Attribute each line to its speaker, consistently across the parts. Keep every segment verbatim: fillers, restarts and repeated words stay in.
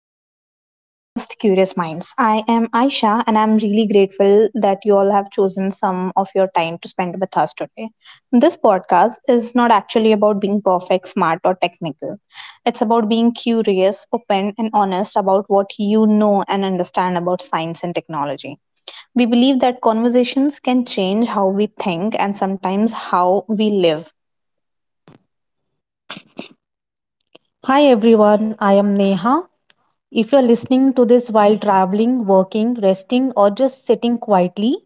Speaker 1: Welcome to our podcast, Curious Minds. I am Aisha, and I'm really grateful that you all have chosen some of your time to spend with us today. This podcast is not actually about being perfect, smart, or technical. It's about being curious, open, and honest about what you know and understand about science and technology. We believe that conversations can change how we think and sometimes how we live.
Speaker 2: Hi everyone, I am Neha. If you're listening to this while traveling, working, resting, or just sitting quietly,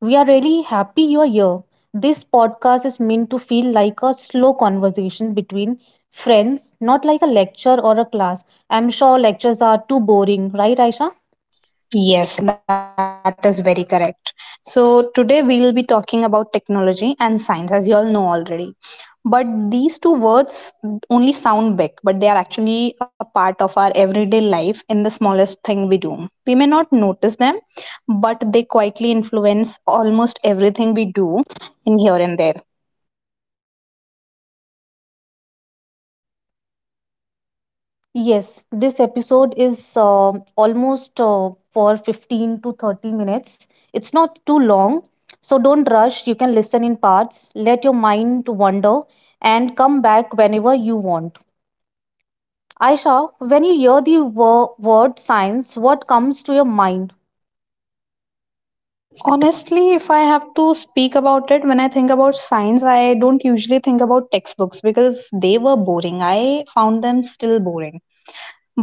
Speaker 2: we are really happy you're here. This podcast is meant to feel like a slow conversation between friends, not like a lecture or a class. I'm sure lectures are too boring, right, Aisha?
Speaker 1: Yes, that is very correct. So, today we'll be talking about technology and science, as you all know already. But these two words only sound big, but they are actually a part of our everyday life in the smallest thing we do. We may not notice them, but they quietly influence almost everything we do in here and there.
Speaker 2: Yes, this episode is uh, almost uh, for fifteen to thirty minutes. It's not too long, so don't rush. You can listen in parts, let your mind wander, and come back whenever you want. Aisha, when you hear the wo- word science, what comes to your mind?
Speaker 1: Honestly, if I have to speak about it, when I think about science, I don't usually think about textbooks because they were boring. I found them still boring.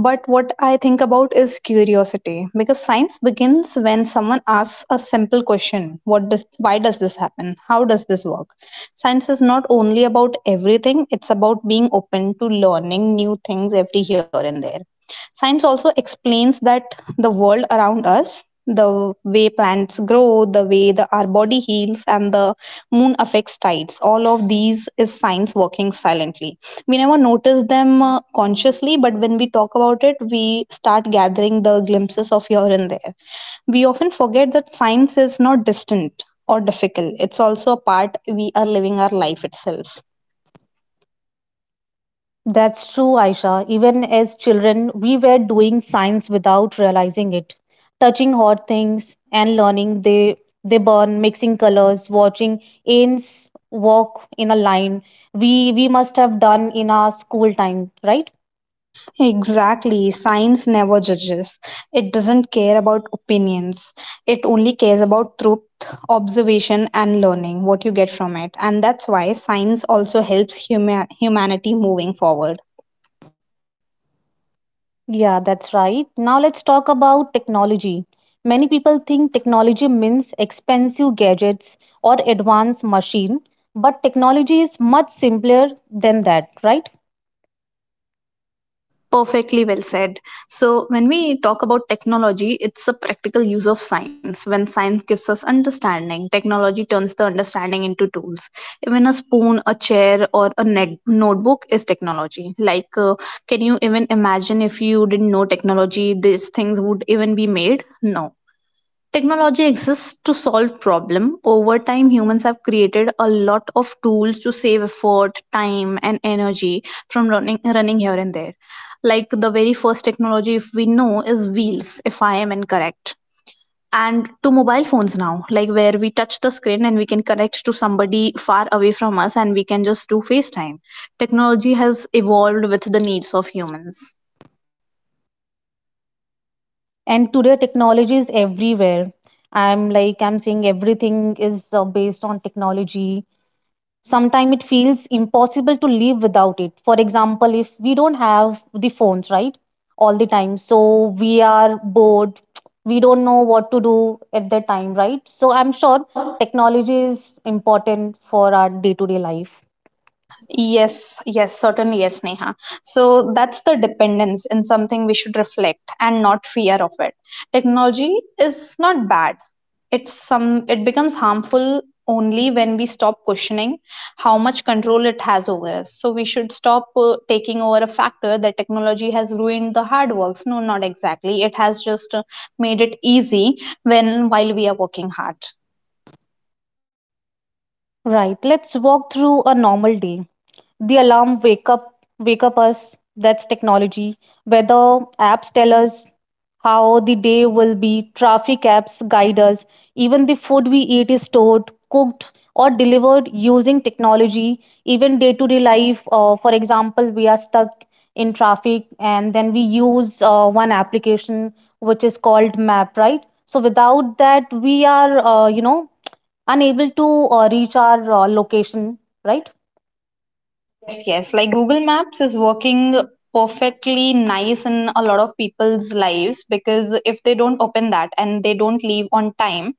Speaker 1: But what I think about is curiosity, because science begins when someone asks a simple question: what does, why does this happen, how does this work? Science is not only about everything, it's about being open to learning new things every here and there. Science also explains that the world around us, the way plants grow, the way the, our body heals, and the moon affects tides, all of these is science working silently. We never notice them uh, consciously, but when we talk about it, we start gathering the glimpses of here and there. We often forget that science is not distant or difficult, it's also a part we are living our life itself.
Speaker 2: That's true, Aisha. Even as children, we were doing science without realizing it. Touching hot things and learning they they burn, mixing colors, watching ants walk in a line. We we must have done in our school time, right?
Speaker 1: Exactly, science never judges. It doesn't care about opinions, it only cares about truth, observation, and learning what you get from it. And that's why science also helps huma- humanity moving forward.
Speaker 2: Yeah, that's right. Now let's talk about technology. Many people think technology means expensive gadgets or advanced machine, but technology is much simpler than that, right?
Speaker 1: Perfectly well said. So, when we talk about technology, it's a practical use of science. When science gives us understanding, technology turns the understanding into tools. Even a spoon, a chair, or a net- notebook is technology. Like, uh, can you even imagine if you didn't know technology, these things would even be made? No. Technology exists to solve problem. Over time, humans have created a lot of tools to save effort, time, and energy from running running here and there. Like the very first technology, if we know, is wheels. If I am incorrect, and to mobile phones now, like where we touch the screen and we can connect to somebody far away from us, and we can just do FaceTime. Technology has evolved with the needs of humans.
Speaker 2: And today technology is everywhere. I'm like i'm saying everything is uh, based on technology. Sometimes it feels impossible to live without it. For example, if we don't have the phones, right, all the time, so we are bored, we don't know what to do at that time, right? So I'm
Speaker 1: So I'm
Speaker 2: sure
Speaker 1: sure.
Speaker 2: technology is important for our day to day life,
Speaker 1: Yes, yes, certainly, yes, Neha. So that's the dependence in something we should reflect and not fear of it. Technology is not bad. It's some it becomes harmful only when we stop questioning how much control it has over us. So we should stop uh, taking over a factor that technology has ruined the hard works. No, not exactly. It has just uh, made it easy when while we are working hard.
Speaker 2: right? Let's walk through a normal day. The alarm wake up wake up us, that's technology. Weather apps tell us how the day will be, traffic apps guide us, even the food we eat is stored, cooked, or delivered using technology. Even day to day life, uh, for example, we are stuck in traffic and then we use uh, one application which is called map, right? So without that, we are uh, you know, unable to uh, reach our uh, location, right?
Speaker 1: Yes, yes. Like Google Maps is working perfectly nice in a lot of people's lives, because if they don't open that and they don't leave on time,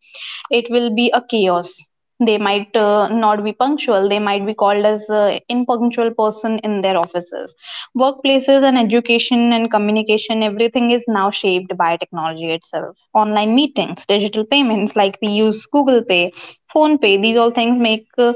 Speaker 1: it will be a chaos. They might uh, not be punctual, they might be called as uh, impunctual person in their offices, workplaces. And education and communication, everything is now shaped by technology itself. Online meetings, digital payments, like we use Google Pay, Phone Pay, these all things make uh,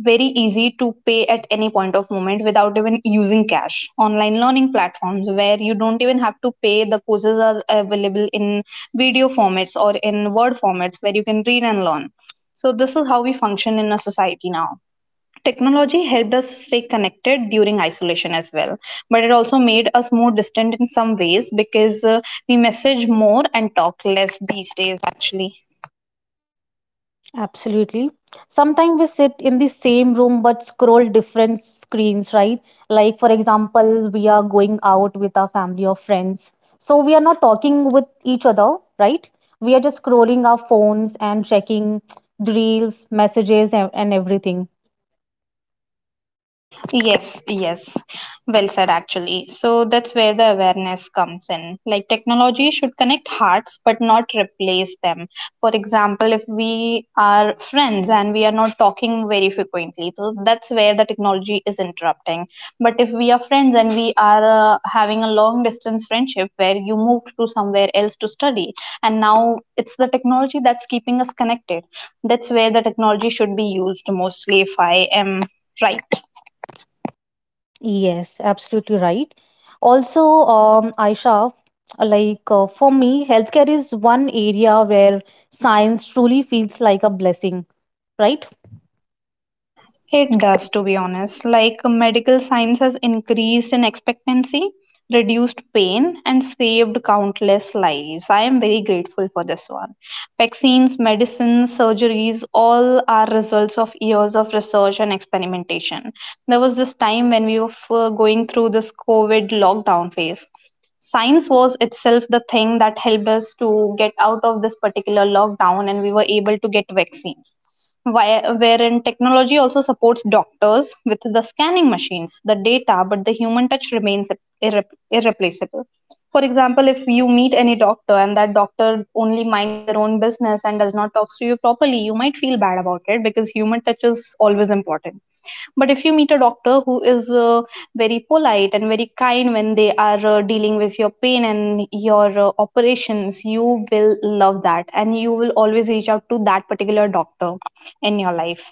Speaker 1: very easy to pay at any point of moment without even using cash. Online learning platforms where you don't even have to pay, the courses are available in video formats or in word formats where you can read and learn. So, this is how we function in a society now. Technology helped us stay connected during isolation as well, but it also made us more distant in some ways, because uh, we message more and talk less these days, actually.
Speaker 2: Absolutely. Sometimes we sit in the same room but scroll different screens, right? Like, for example, we are going out with our family or friends. So we are not talking with each other, right? We are just scrolling our phones and checking the reels, messages, and, and everything.
Speaker 1: Yes, yes. Well said, actually. So that's where the awareness comes in. Like technology should connect hearts, but not replace them. For example, if we are friends and we are not talking very frequently, so that's where the technology is interrupting. But if we are friends and we are uh, having a long distance friendship where you moved to somewhere else to study, and now it's the technology that's keeping us connected, that's where the technology should be used mostly, if I am right.
Speaker 2: Yes, absolutely right. Also, um, Aisha, like uh, for me, healthcare is one area where science truly feels like a blessing, right?
Speaker 1: It does, to be honest. Like medical science has increased in expectancy, reduced pain, and saved countless lives. I am very grateful for this one. Vaccines, medicines, surgeries, all are results of years of research and experimentation. There was this time when we were f- going through this COVID lockdown phase. Science was itself the thing that helped us to get out of this particular lockdown, and we were able to get vaccines. Where- wherein technology also supports doctors with the scanning machines, the data, but the human touch remains irre- irreplaceable. For example, if you meet any doctor and that doctor only minds their own business and does not talk to you properly, you might feel bad about it, because human touch is always important. But if you meet a doctor who is uh, very polite and very kind when they are uh, dealing with your pain and your uh, operations, you will love that, and you will always reach out to that particular doctor in your life.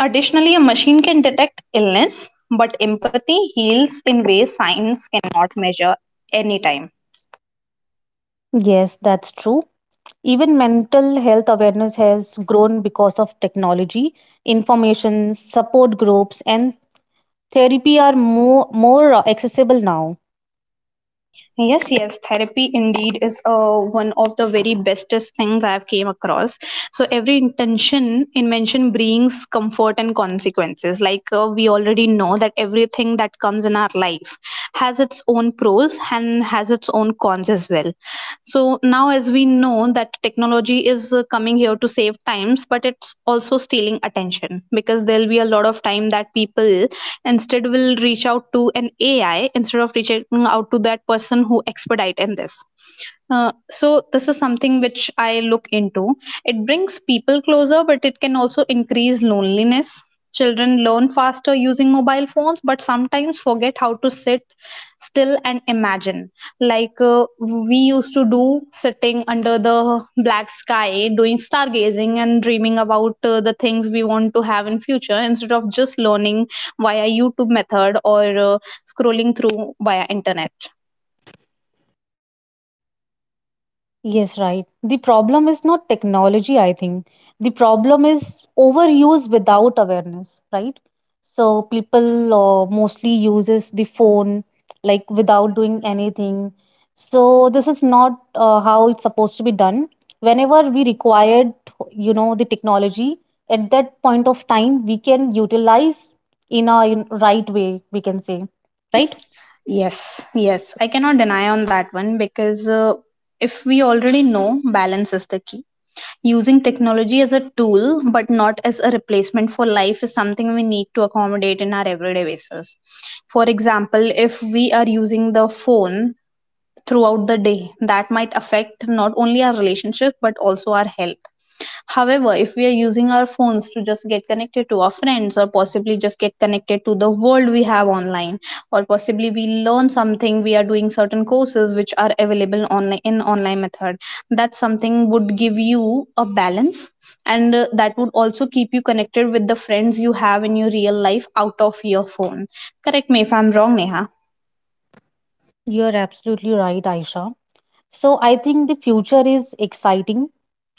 Speaker 1: Additionally, a machine can detect illness, but empathy heals in ways science cannot measure, anytime.
Speaker 2: Yes, that's true. Even mental health awareness has grown because of technology. Information, support groups, and therapy are more, more accessible now.
Speaker 1: Yes, yes, therapy indeed is uh, one of the very bestest things I've came across. So every intention in mention brings comfort and consequences. Like uh, we already know that everything that comes in our life has its own pros and has its own cons as well. So now as we know that technology is uh, coming here to save times, but it's also stealing attention, because there'll be a lot of time that people instead will reach out to an A I instead of reaching out to that person who expedite in this. Uh, so this is something which I look into. It brings people closer, but it can also increase loneliness. Children learn faster using mobile phones, but sometimes forget how to sit still and imagine, like, uh, we used to do sitting under the black sky doing stargazing and dreaming about uh, the things we want to have in future, instead of just learning via YouTube method or uh, scrolling through via internet.
Speaker 2: Yes, right. The problem is not technology, I think. The problem is overuse without awareness, right? So people uh, mostly uses the phone like without doing anything. So this is not uh, how it's supposed to be done. Whenever we required, you know, the technology at that point of time, we can utilize in a in right way, we can say, right?
Speaker 1: Yes, yes, I cannot deny on that one, because uh, if we already know, balance is the key. Using technology as a tool but not as a replacement for life is something we need to accommodate in our everyday basis. For example, if we are using the phone throughout the day, that might affect not only our relationship but also our health. However, if we are using our phones to just get connected to our friends, or possibly just get connected to the world we have online, or possibly we learn something, we are doing certain courses which are available online in online method. That something would give you a balance, and uh, that would also keep you connected with the friends you have in your real life out of your phone. Correct me if I'm wrong, Neha.
Speaker 2: You're absolutely right, Aisha. So I think the future is exciting.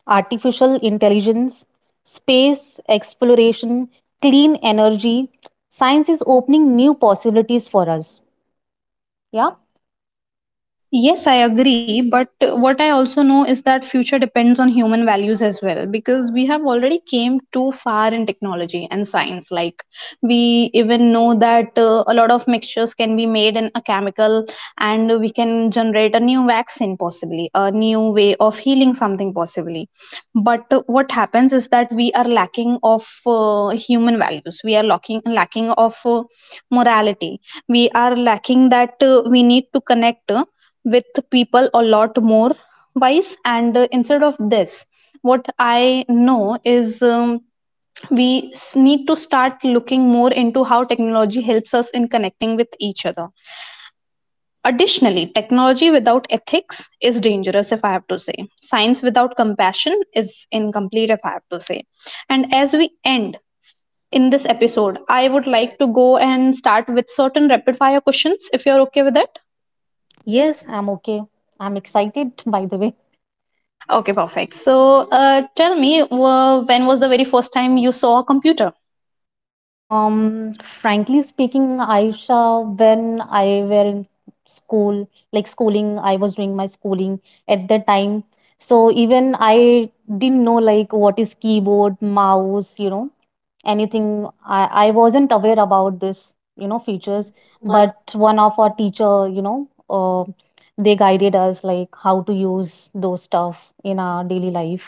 Speaker 2: Artificial intelligence, space exploration, clean energy. Science is opening new possibilities for us. Yeah?
Speaker 1: Yes, I agree. But what I also know is that future depends on human values as well, because we have already came too far in technology and science. Like we even know that uh, a lot of mixtures can be made in a chemical, and we can generate a new vaccine possibly, a new way of healing something possibly. But uh, what happens is that we are lacking of uh, human values. We are lacking, lacking of uh, morality. We are lacking that uh, we need to connect with people a lot more wise, and uh, instead of this, what I know is, um, we s- need to start looking more into how technology helps us in connecting with each other. Additionally, technology without ethics is dangerous, if I have to say. Science without compassion is incomplete, if I have to say. And as we end in this episode, I would like to go and start with certain rapid fire questions, if you're okay with it.
Speaker 2: Yes, I'm okay. I'm excited, by the way.
Speaker 1: Okay, perfect. So, uh, tell me, uh, when was the very first time you saw a computer?
Speaker 2: Um, Frankly speaking, Aisha, when I were in school, like schooling, I was doing my schooling at that time. So even I didn't know like what is keyboard, mouse, you know, anything. I, I wasn't aware about this, you know, features, but one of our teacher, you know, uh, they guided us like how to use those stuff in our daily life.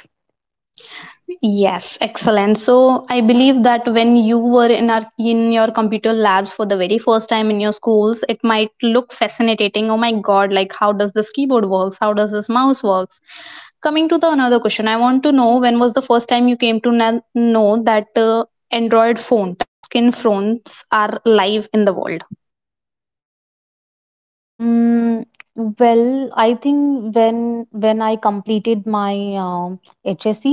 Speaker 1: Yes, excellent. So, I believe that when you were in our in your computer labs for the very first time in your schools, it might look fascinating. Oh my God! Like, how does this keyboard works? How does this mouse works? Coming to the another question, I want to know when was the first time you came to na- know that uh, Android phone, touch screen phones are live in the world.
Speaker 2: Mm, well, I think when when I completed my um H S C.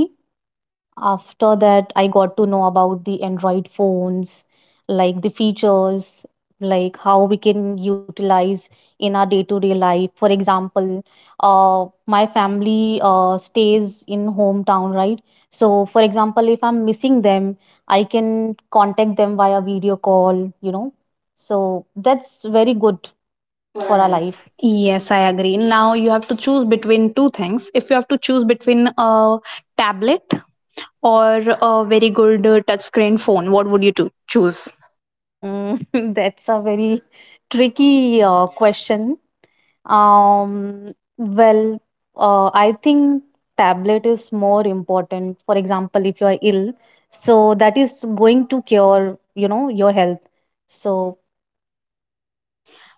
Speaker 2: After that, I got to know about the Android phones, like the features, like how we can utilize in our day-to-day life. For example, uh, my family uh, stays in hometown, right? So, for example, if I'm missing them, I can contact them via video call, you know. So that's very good for our life.
Speaker 1: Yes, I agree. Now you have to choose between two things. If you have to choose between a tablet or a very good uh, touchscreen phone, what would you to choose?
Speaker 2: Mm, that's a very tricky uh, question. Um, well, uh, I think tablet is more important. For example, if you are ill, so that is going to cure, you know, your health. So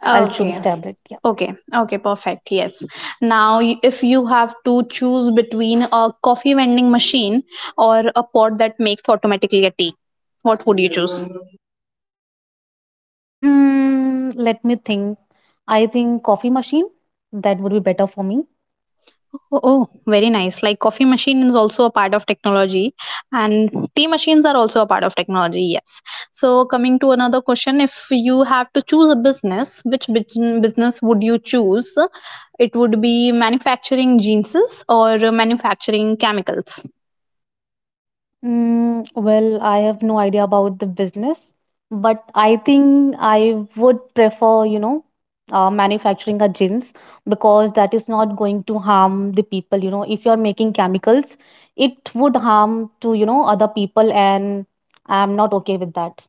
Speaker 2: I'll choose
Speaker 1: Okay.
Speaker 2: tablet. Yeah.
Speaker 1: Okay. Okay, perfect. Yes. Now y- if you have to choose between a coffee vending machine or a pot that makes automatically a tea, what would you choose?
Speaker 2: Hmm, let me think. I think coffee machine, that would be better for me.
Speaker 1: Oh, oh, very nice. Like coffee machine is also a part of technology, and tea machines are also a part of technology. Yes. So coming to another question, if you have to choose a business, which bus- business would you choose? It would be manufacturing jeans or manufacturing chemicals.
Speaker 2: Mm, well, I have no idea about the business, but I think I would prefer, you know, uh, manufacturing a gins because that is not going to harm the people. You know, if you're making chemicals, it would harm to, you know, other people, and I'm not okay with that.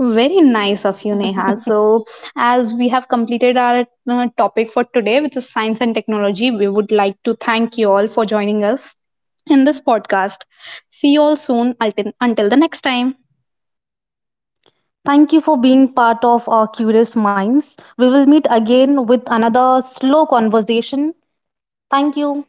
Speaker 1: Very nice of you, Neha. So, as we have completed our uh, topic for today, which is science and technology, we would like to thank you all for joining us in this podcast. See you all soon. Until, until the next time.
Speaker 2: Thank you for being part of our curious minds. We will meet again with another slow conversation. Thank you.